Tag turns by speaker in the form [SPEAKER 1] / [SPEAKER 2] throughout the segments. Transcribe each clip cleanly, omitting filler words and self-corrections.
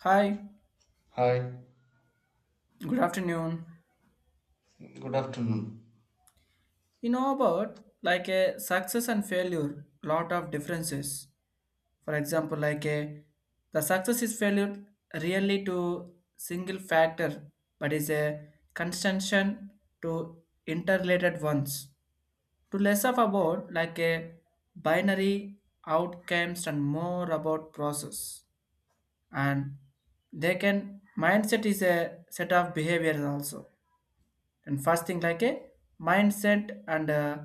[SPEAKER 1] Hi,
[SPEAKER 2] Hi,
[SPEAKER 1] good afternoon.
[SPEAKER 2] good afternoon.
[SPEAKER 1] You know about like a success and failure, lot of differences. For example, like a the success is failure really to single factor, but is a conjunction to interrelated ones. To less of about like a binary outcomes and more about process. And they can mindset is a set of behaviors also, and first thing like a mindset and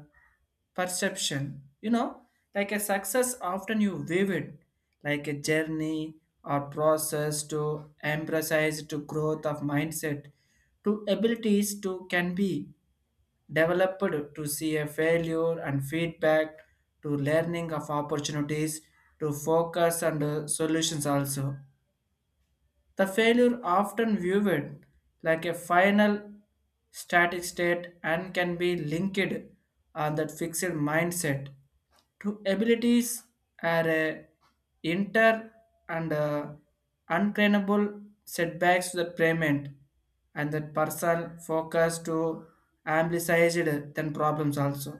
[SPEAKER 1] perception you know like a success often you view it like a journey or process to emphasize to growth of mindset, to abilities to can be developed, to see a failure and feedback, to learning of opportunities, to focus and solutions also. The failure often viewed like a final static state and can be linked on that fixed mindset, to abilities are a inter and unclaimable setbacks to the payment, and that person focus to amplified than problems also.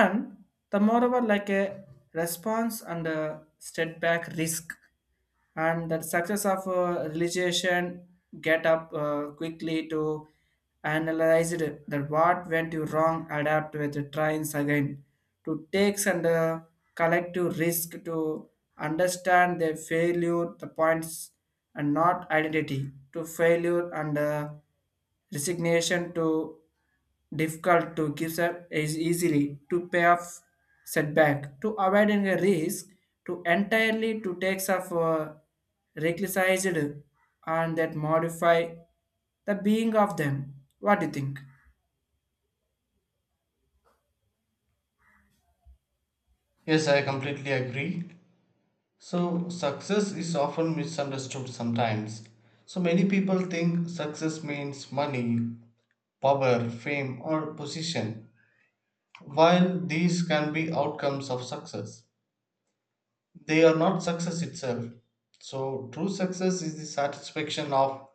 [SPEAKER 1] And the moreover like a response and a step back risk, and that success of realization get up quickly to analyze it that what went you wrong, adapt with the tries again, to takes and collective risk to understand their failure the points, and not identity to failure and resignation to difficult to give up is easily to pay off setback, to avoiding a risk, to entirely to take off recklessized, and that modify the being of them. What do you think?
[SPEAKER 2] Yes, I completely agree. So, success is often misunderstood sometimes. So, many people think success means money, power, fame, or position, while these can be outcomes of success. They are not success itself. So, true success is the satisfaction of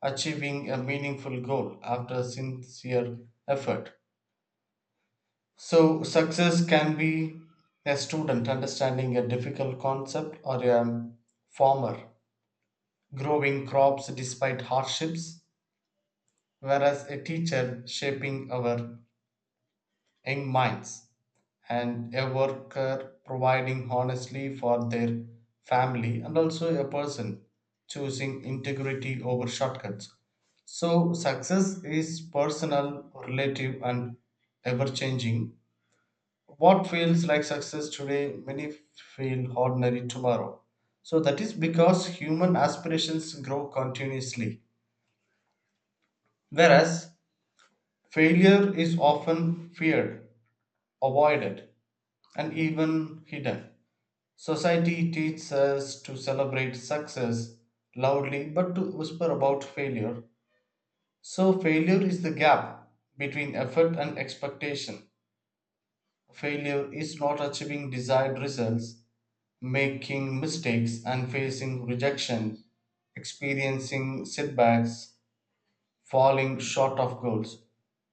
[SPEAKER 2] achieving a meaningful goal after sincere effort. So, success can be a student understanding a difficult concept or a farmer growing crops despite hardships, whereas a teacher shaping our young minds and a worker providing honestly for their family and also a person choosing integrity over shortcuts. So, success is personal, relative, and ever changing. What feels like success today many feel ordinary tomorrow, so that is because human aspirations grow continuously. Whereas failure is often feared, avoided, and even hidden. Society teaches us to celebrate success loudly but to whisper about failure. So failure is the gap between effort and expectation. Failure is not achieving desired results, making mistakes and facing rejection, experiencing setbacks, falling short of goals.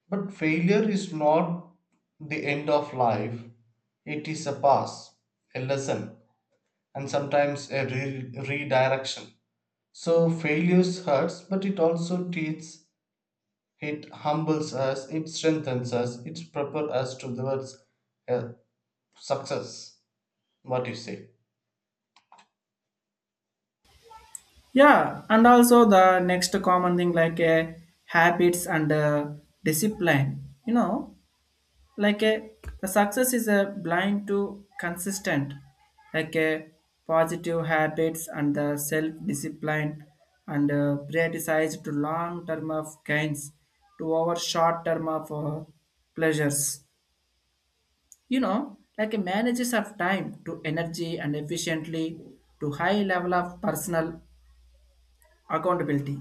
[SPEAKER 2] But failure is not the end of life, it is a pass, a lesson, and sometimes a redirection. So, failure hurts, but it also teaches, it humbles us, it strengthens us, it prepares us towards uh, success. What do you say?
[SPEAKER 1] Yeah, and also the next common thing like habits and discipline, you know, like a the success is a blind to consistent like a positive habits and the self discipline, and prioritize to long term of gains to our short term of pleasures. You know, like a manages of time to energy and efficiently, to high level of personal accountability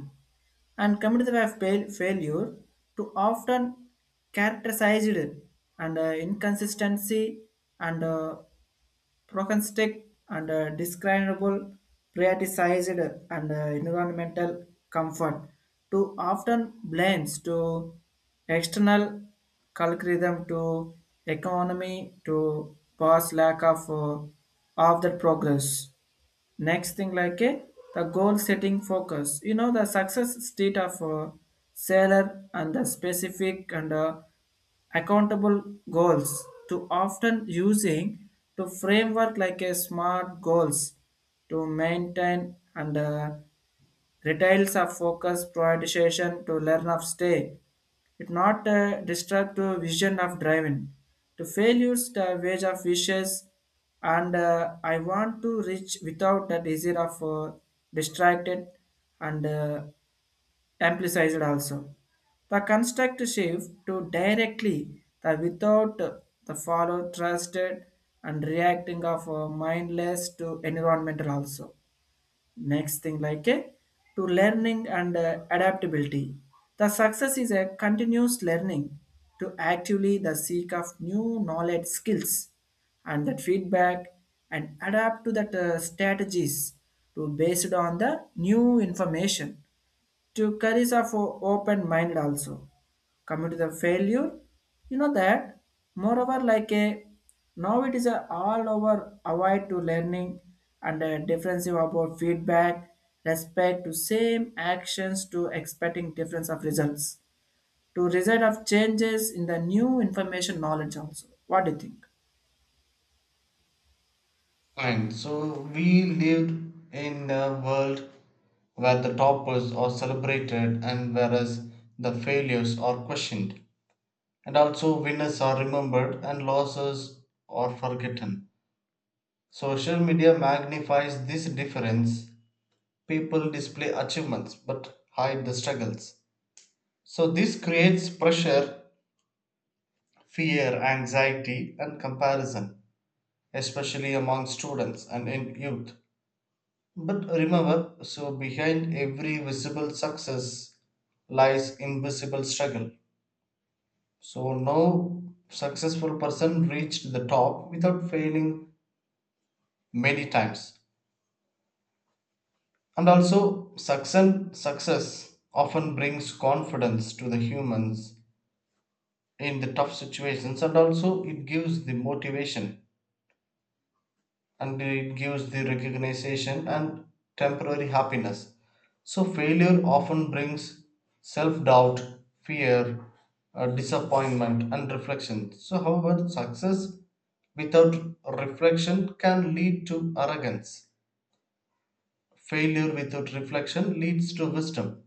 [SPEAKER 1] and committed by failure to often characterized and inconsistency and prognostic and describable, prioritized and environmental comfort, to often blames to external algorithm, to economy, to past lack of the progress. Next thing like a the goal setting focus. You know the success state of a seller and the specific and accountable goals, to often using to framework like a smart goals, to maintain and Retails of focus prioritization to learn of stay. It not distract to vision of driving. To failures the wage of wishes and I want to reach without that easier of distracted and amplified also. The construct shift to directly the without the follow trusted and reacting of mindless to environmental also. Next thing like a to learning and adaptability, the success is a continuous learning, to actively the seek of new knowledge skills and that feedback, and adapt to that strategies to based on the new information, to carries of open mind also. Coming to the failure, you know that moreover like a now it is a all over avoid to learning and a differensive about feedback, respect to same actions to expecting difference of results, to result of changes in the new information knowledge also. What do you think?
[SPEAKER 2] Fine. So we lived in a world where the toppers are celebrated and whereas the failures are questioned. And also winners are remembered and losses are forgotten. Social media magnifies this difference. People display achievements but hide the struggles. So this creates pressure, fear, anxiety, and comparison, especially among students and in youth. But remember, so behind every visible success lies invisible struggle. So no successful person reached the top without failing many times. And also success often brings confidence to the humans in the tough situations and also it gives the motivation and it gives the recognition and temporary happiness. So, failure often brings self doubt, fear, disappointment, and reflection. So, however, success without reflection can lead to arrogance. Failure without reflection leads to wisdom.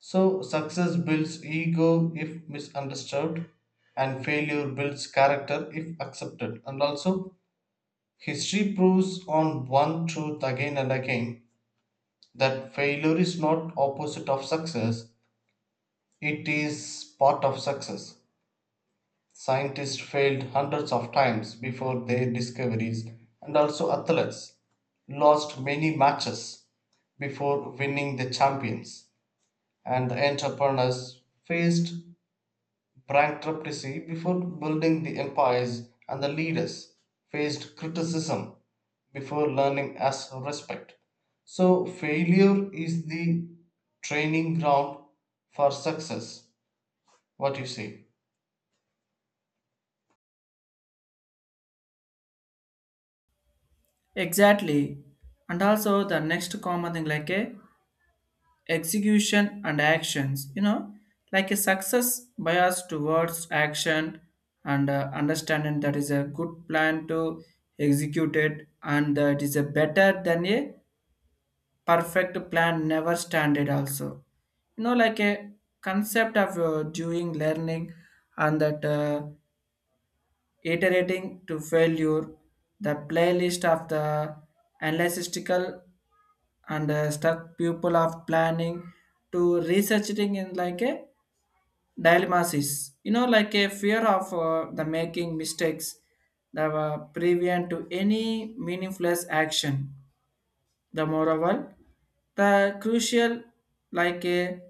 [SPEAKER 2] So, success builds ego if misunderstood, and failure builds character if accepted. And also, history proves on one truth again and again that failure is not opposite of success, it is part of success. Scientists failed hundreds of times before their discoveries and also athletes lost many matches before winning the champions and entrepreneurs faced bankruptcy before building the empires, and the leaders faced criticism before learning as respect. So, failure is the training ground for success. What you say?
[SPEAKER 1] Exactly. And also the next common thing like a execution and actions, you know, like a success bias towards action and understanding that is a good plan to execute it, and it is a better than a perfect plan never standard also. You know, like a concept of doing learning and that iterating to failure, the playlist of the analytical and stuck pupil of planning, to researching in like a dilemmas, is, you know, like a fear of the making mistakes that were prevent to any meaningless action. The moreover, the crucial like a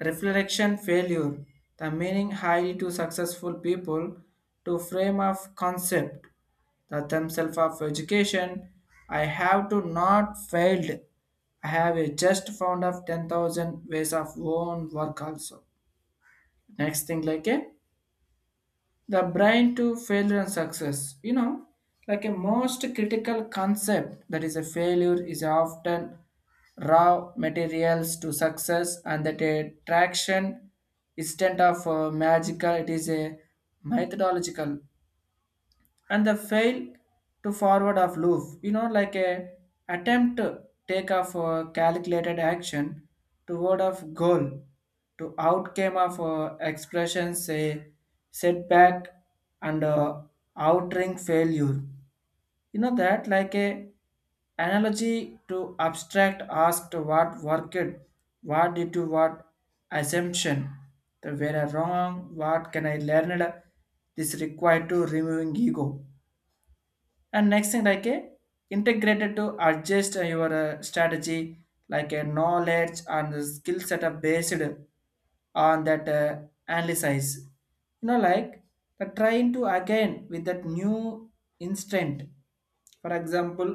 [SPEAKER 1] reflection failure, the meaning highly to successful people, to frame of concept, the themselves of education. I have to not failed. I have a just found of 10,000 ways of own work also. Next thing like a the brain to failure and success, you know, like a most critical concept that is a failure is often raw materials to success, and that a traction instead of magical, it is a methodological and the fail to forward of loop. You know, like a attempt to take off a calculated action toward of goal, to outcome of expression, say setback and outring failure. You know that like a analogy to abstract, asked what worked, what did you, what assumption, the where I wrong, what can I learn it? This required to removing ego. And next thing like a integrated to adjust your strategy, like a knowledge and the skill setup based on that analysis, you know, like the trying to again with that new instant. For example,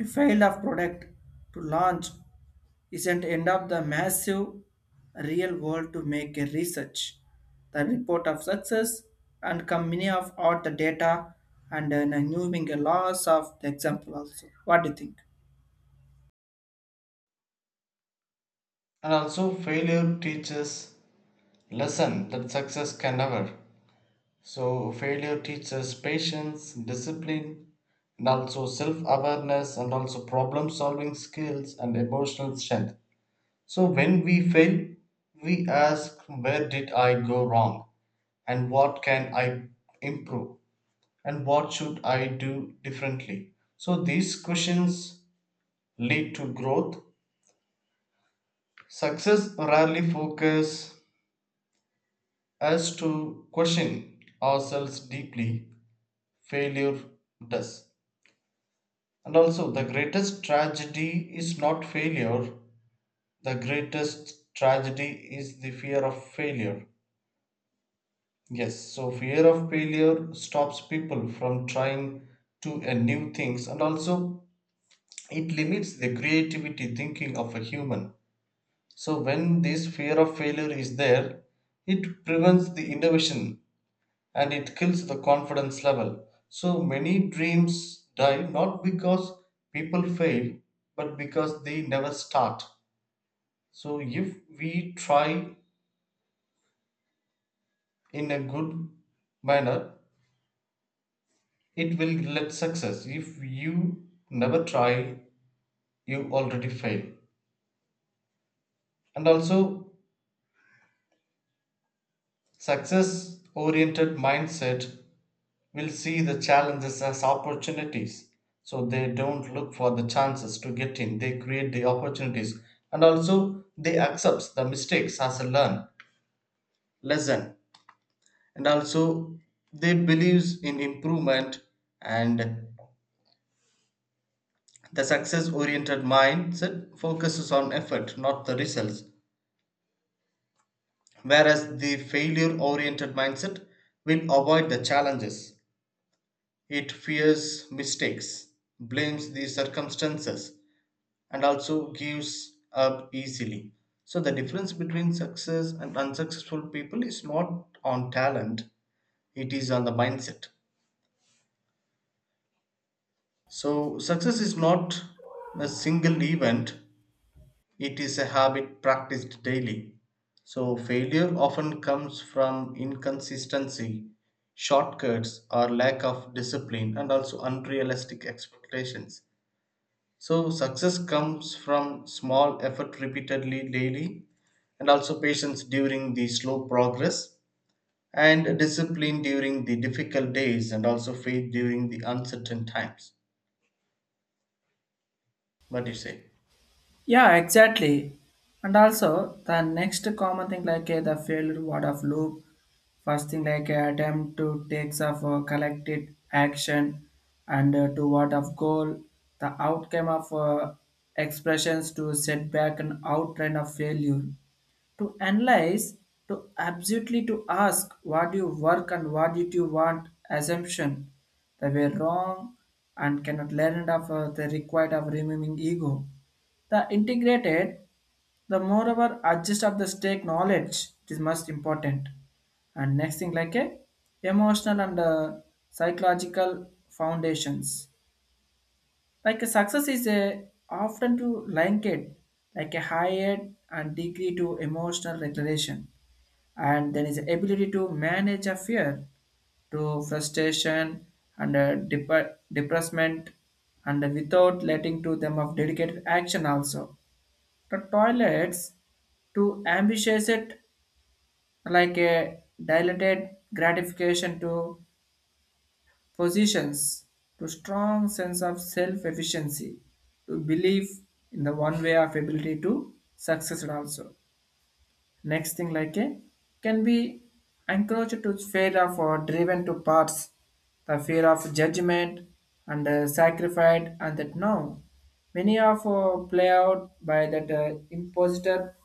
[SPEAKER 1] a fail of product to launch isn't end of the massive real world to make a research. The report of success and come many of all the data, and then a new being a loss of the example also. What do you think?
[SPEAKER 2] And also, failure teaches lesson that success can never. So, failure teaches patience, discipline, and also self awareness, and also problem solving skills and emotional strength. So when we fail, we ask where did I go wrong and what can I improve and what should I do differently. So these questions lead to growth. Success rarely focuses us to question ourselves deeply. Failure does. And also the greatest tragedy is not failure. The greatest tragedy is the fear of failure. Yes, so fear of failure stops people from trying to new things and also it limits the creativity thinking of a human. So when this fear of failure is there, it prevents the innovation and it kills the confidence level. So many dreams die not because people fail, but because they never start. So if we try in a good manner, it will let success. If you never try, you already fail. And also, success oriented mindset will see the challenges as opportunities. So they don't look for the chances to get in, they create the opportunities. And also, they accept the mistakes as a learn lesson. And also, they believes in improvement and the success oriented mindset focuses on effort, not the results. Whereas the failure oriented mindset will avoid the challenges. It fears mistakes, blames the circumstances, and also gives up easily. So, the difference between success and unsuccessful people is not on talent, it is on the mindset. So, success is not a single event, it is a habit practiced daily. So, failure often comes from inconsistency, shortcuts, or lack of discipline, and also unrealistic expectations. So, success comes from small effort repeatedly daily, and also patience during the slow progress, and discipline during the difficult days, and also faith during the uncertain times. What do you say?
[SPEAKER 1] Yeah, exactly. And also the next common thing like the failed word of loop, first thing like attempt to takes of collected action and toward of goal, the outcome of expressions to setback and outline of failure, to analyze to absolutely to ask what you work and what did you want assumption they were wrong, and cannot learn of the required of removing ego, the integrated, the moreover adjust of the stake knowledge, it is most important. And next thing like a emotional and psychological foundations, like a success is a often to link it like a higher and degree to emotional regulation, and then is the ability to manage a fear, to frustration and depressment and without letting to them of dedicated action also. The toilets to ambitious it like a dilated gratification to positions, to strong sense of self-efficiency, to belief in the one way of ability to success it also. Next thing like a can be encouraged to fear of or driven to parts, the fear of judgment and sacrifice, and that now many of play out by that imposter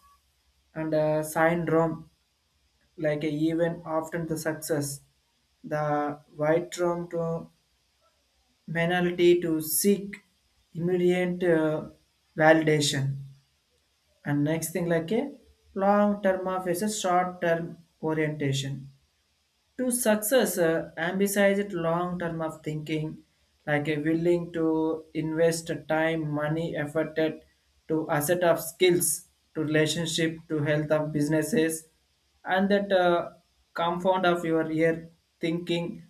[SPEAKER 1] and syndrome, like a even often the success the white room to Mentality to seek immediate validation. And next thing like a long term of is a short term orientation. To success, emphasize long term of thinking, like a willing to invest time, money, effort to asset of skills, to relationship, to health of businesses, and that compound of your year thinking,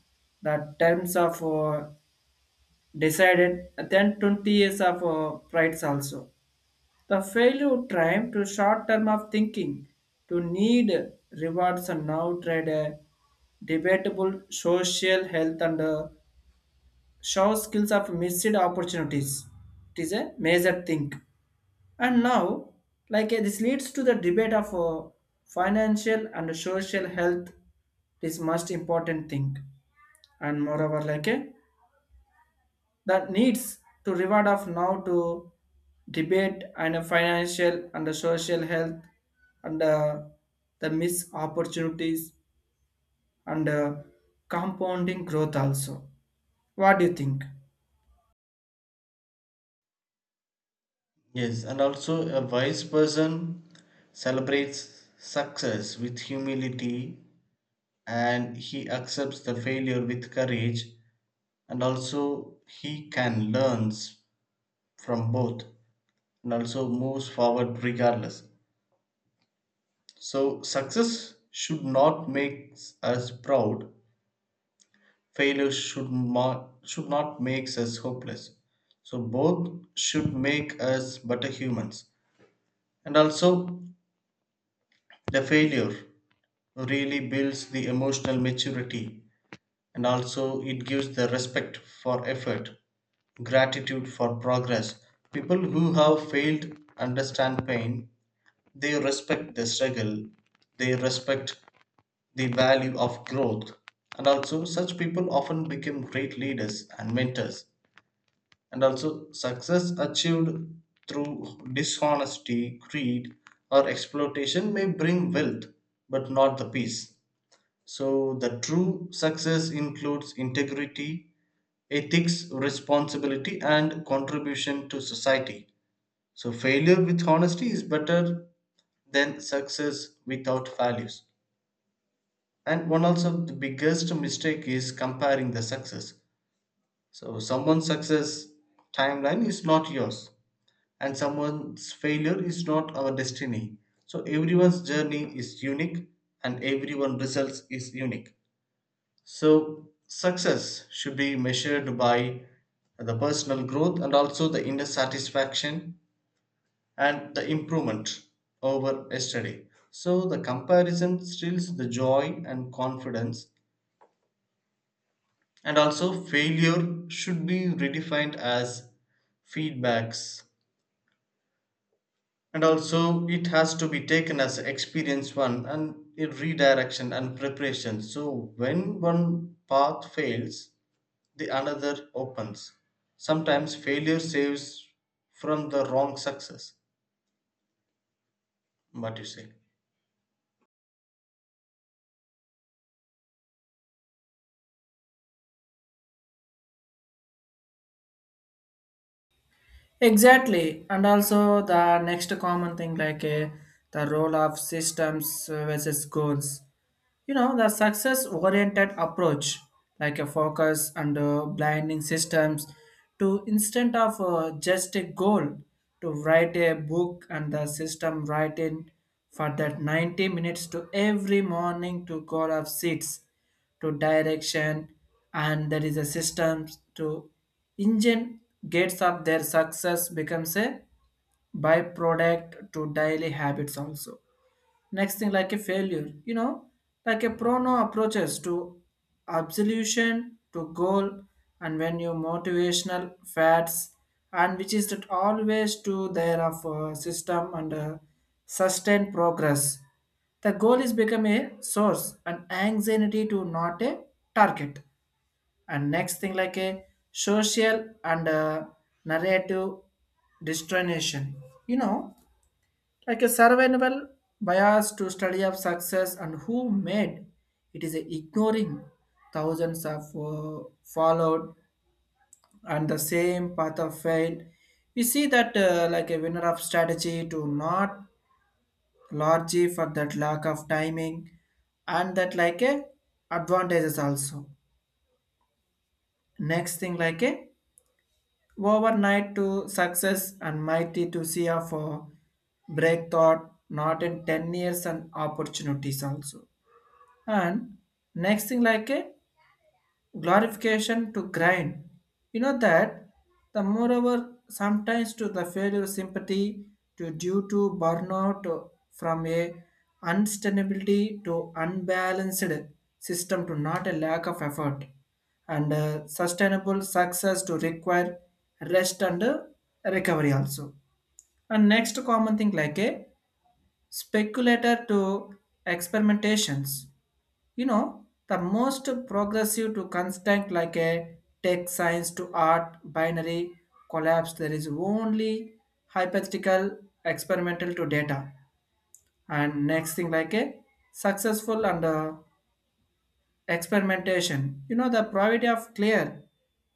[SPEAKER 1] the terms of decided then 20 years of prides also. The failure time to short term of thinking to need rewards and now trade a debatable social health and show skills of missed opportunities. It is a major thing. And now, like this leads to the debate of financial and social health. This most important thing. And moreover, like a that needs to reward of now to debate and a financial and a social health and the missed opportunities and compounding growth also. What do you think?
[SPEAKER 2] Yes, and also a wise person celebrates success with humility and he accepts the failure with courage and also he can learns from both and also moves forward regardless. So success should not make us proud. Failure should not makes us hopeless. So both should make us better humans. And also the failure really builds the emotional maturity and also it gives the respect for effort, gratitude for progress. People who have failed understand pain, they respect the struggle, they respect the value of growth, and also such people often become great leaders and mentors. And also, success achieved through dishonesty, greed, or exploitation may bring wealth but not the peace. So, the true success includes integrity, ethics, responsibility, and contribution to society. So, failure with honesty is better than success without values. And one also of the biggest mistake is comparing the success. So, someone's success timeline is not yours, and someone's failure is not our destiny. So, everyone's journey is unique, and everyone's results is unique. So, success should be measured by the personal growth and also the inner satisfaction and the improvement over yesterday. So, the comparison steals the joy and confidence, and also failure should be redefined as feedbacks. And also, it has to be taken as experience one and a redirection and preparation. So, when one path fails, the another opens. Sometimes failure saves from the wrong success. What you say?
[SPEAKER 1] Exactly. And also the next common thing like the role of systems versus goals. You know the success oriented approach like a focus and blinding systems to instead of just a goal, to write a book and the system write in for that 90 minutes to every morning to call off seats, to direction, and there is a system to engine gates of their success becomes a byproduct to daily habits also. Next thing, like a failure, you know, like a prono approaches to absolution, to goal, and when you motivational fads, and which is that always to their of a system and a sustained progress. The goal is become a source, an anxiety to not a target. And next thing, like a social and a narrative destination. You know, like a survival bias to study of success and who made it is ignoring thousands of followed and the same path of fail, we see that like a winner of strategy to not largely for that lack of timing and that like a advantages also. Next thing like a overnight to success and mighty to see of break thought not in 10 years and opportunities also. And next thing like a glorification to grind, you know that the moreover sometimes to the failure sympathy to due to burnout from a unsustainability to unbalanced system to not a lack of effort, and sustainable success to require rest and recovery also. And next common thing like a speculator to experimentations, you know, the most progressive to constant like a tech science to art binary collapse, there is only hypothetical experimental to data. And next thing like a successful and experimentation, you know the priority of clear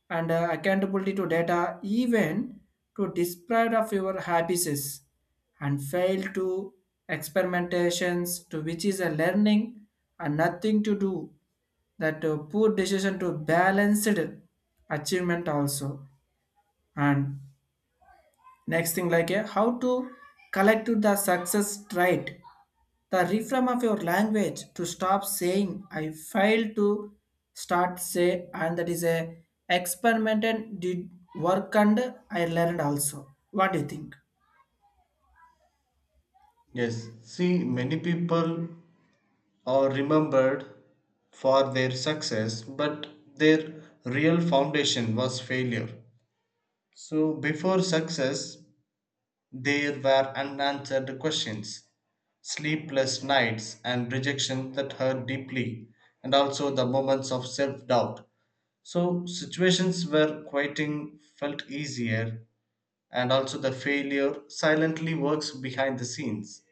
[SPEAKER 1] and accountability to data even to deprive of your habits and fail to experimentations, to which is a learning and nothing to do that poor decision to balanced achievement also. And next thing like a how to collect the success right, the reframe of your language to stop saying I failed, to start say and that is a experiment, and did work and I learned also. What do you think?
[SPEAKER 2] Yes. See, many people are remembered for their success, but their real foundation was failure. So before success, there were unanswered questions, sleepless nights, and rejection that hurt deeply, and also the moments of self doubt. So situations where quieting felt easier, and also the failure silently works behind the scenes,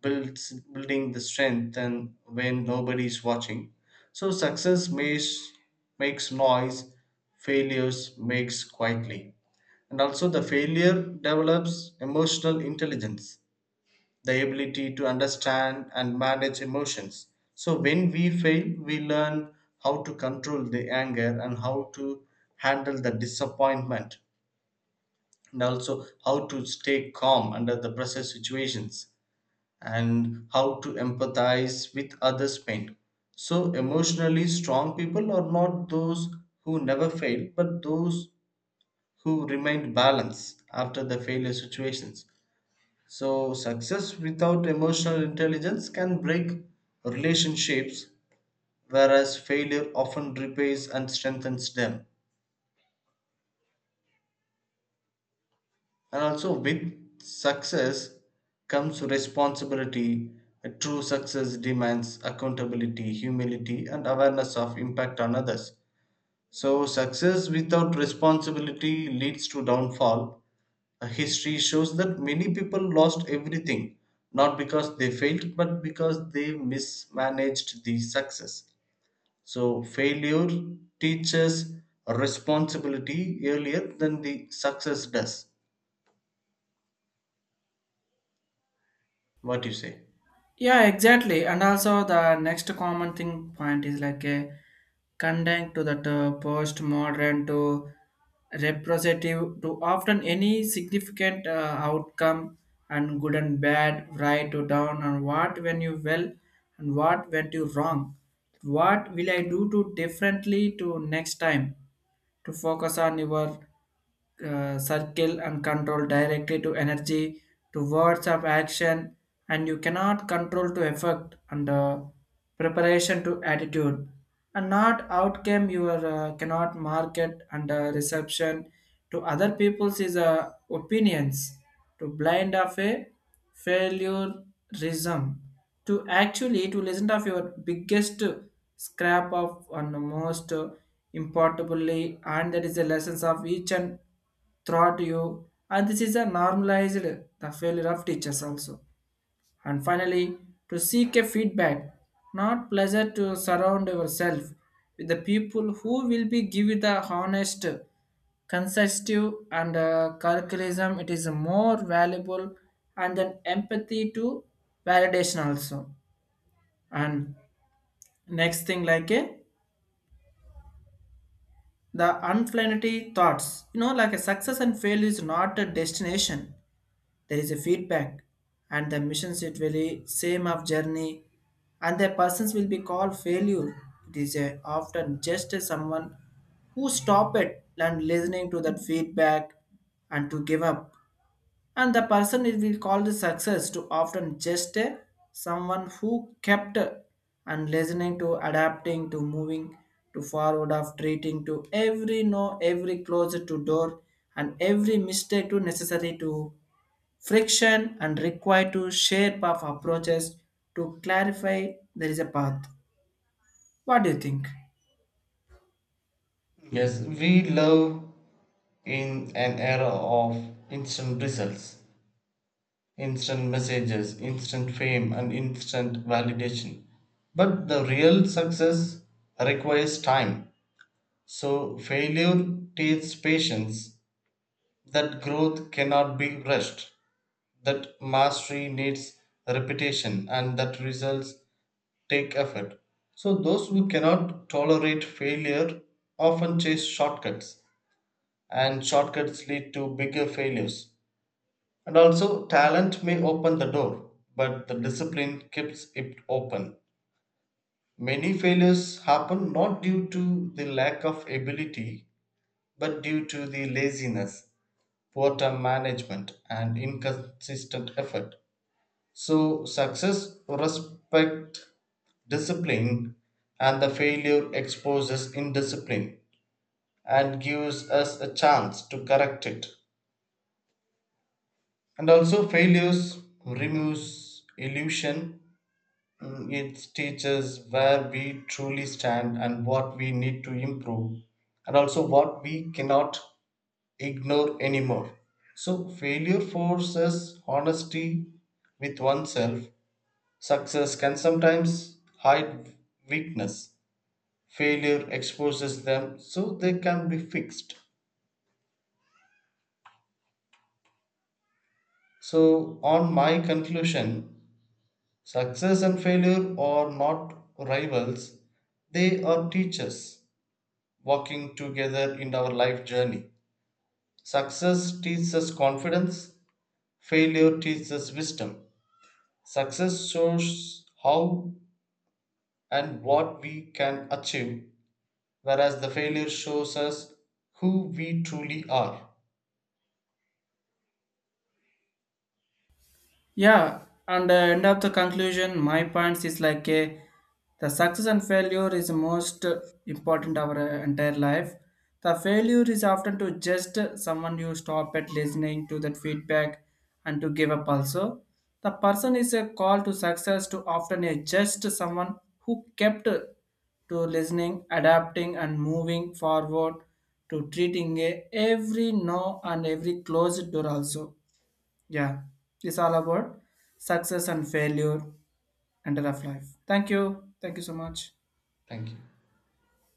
[SPEAKER 2] builds building the strength and when nobody is watching. So success makes noise, failures makes quietly. And also the failure develops emotional intelligence, the ability to understand and manage emotions. So, when we fail, we learn how to control the anger and how to handle the disappointment, and also how to stay calm under the pressure situations and how to empathize with others' pain. So, emotionally strong people are not those who never fail, but those who remain balanced after the failure situations. So, success without emotional intelligence can break relationships, whereas failure often repairs and strengthens them. And also, with success comes responsibility. A true success demands accountability, humility, and awareness of impact on others. So, success without responsibility leads to downfall. History shows that many people lost everything, not because they failed, but because they mismanaged the success. So, failure teaches responsibility earlier than the success does. What do you say?
[SPEAKER 1] Yeah, exactly. And also the next common thing point is like a condemned to that postmodern to representative to often any significant outcome and good and bad, right to down and what when you well and what went you wrong. What will I do to differently to next time? To focus on your circle and control directly to energy to words of action, and you cannot control to effect and preparation to attitude and not outcome, your cannot market and reception to other people's is opinions to blind of a failure reason, to actually to listen of your biggest scrap of and most importantly, and that is the lessons of each and throughout you, and this is a normalized the failure of teachers also. And finally, to seek a feedback not pleasure, to surround yourself with the people who will be give you the honest consistive and curriculum, it is more valuable and then empathy to validation also. And next thing like a the unplanetary thoughts, you know like a success and failure is not a destination, there is a feedback and the missions it will be same of journey, and the persons will be called failure, it is a, often just a someone who stop it and listening to that feedback and to give up, and the person it will call the success to often just a someone who kept and listening to adapting to moving to forward of treating to every no, every close to door and every mistake to necessary to friction and required to shape of approaches to clarify there is a path. What do you think?
[SPEAKER 2] Yes, we live in an era of instant results, instant messages, instant fame, and instant validation. But the real success requires time. So, failure teaches patience, that growth cannot be rushed, that mastery needs repetition, and that results take effort. So, those who cannot tolerate failure often chase shortcuts, and shortcuts lead to bigger failures. And also, talent may open the door, but the discipline keeps it open. Many failures happen not due to the lack of ability, but due to the laziness, poor time management, and inconsistent effort. So, success respect discipline, and the failure exposes indiscipline and gives us a chance to correct it. And also, failures removes illusion. Mm, it teaches where we truly stand and what we need to improve, and also what we cannot ignore anymore. So, failure forces honesty with oneself. Success can sometimes hide weakness, failure exposes them so they can be fixed. So, on my conclusion, success and failure are not rivals, they are teachers, walking together in our life journey. Success teaches us confidence, failure teaches us wisdom. Success shows how and what we can achieve, whereas the failure shows us who we truly are.
[SPEAKER 1] Yeah, and end of the conclusion, my points is like a, the success and failure is most important our entire life. The failure is often to just someone you stop at listening to that feedback and to give up also. The person is a call to success to often a just someone who kept to listening, adapting, and moving forward to treating a every no and every closed door also. Yeah, it's all about success and failure and the rough life. Thank you. Thank you so much.
[SPEAKER 2] Thank you.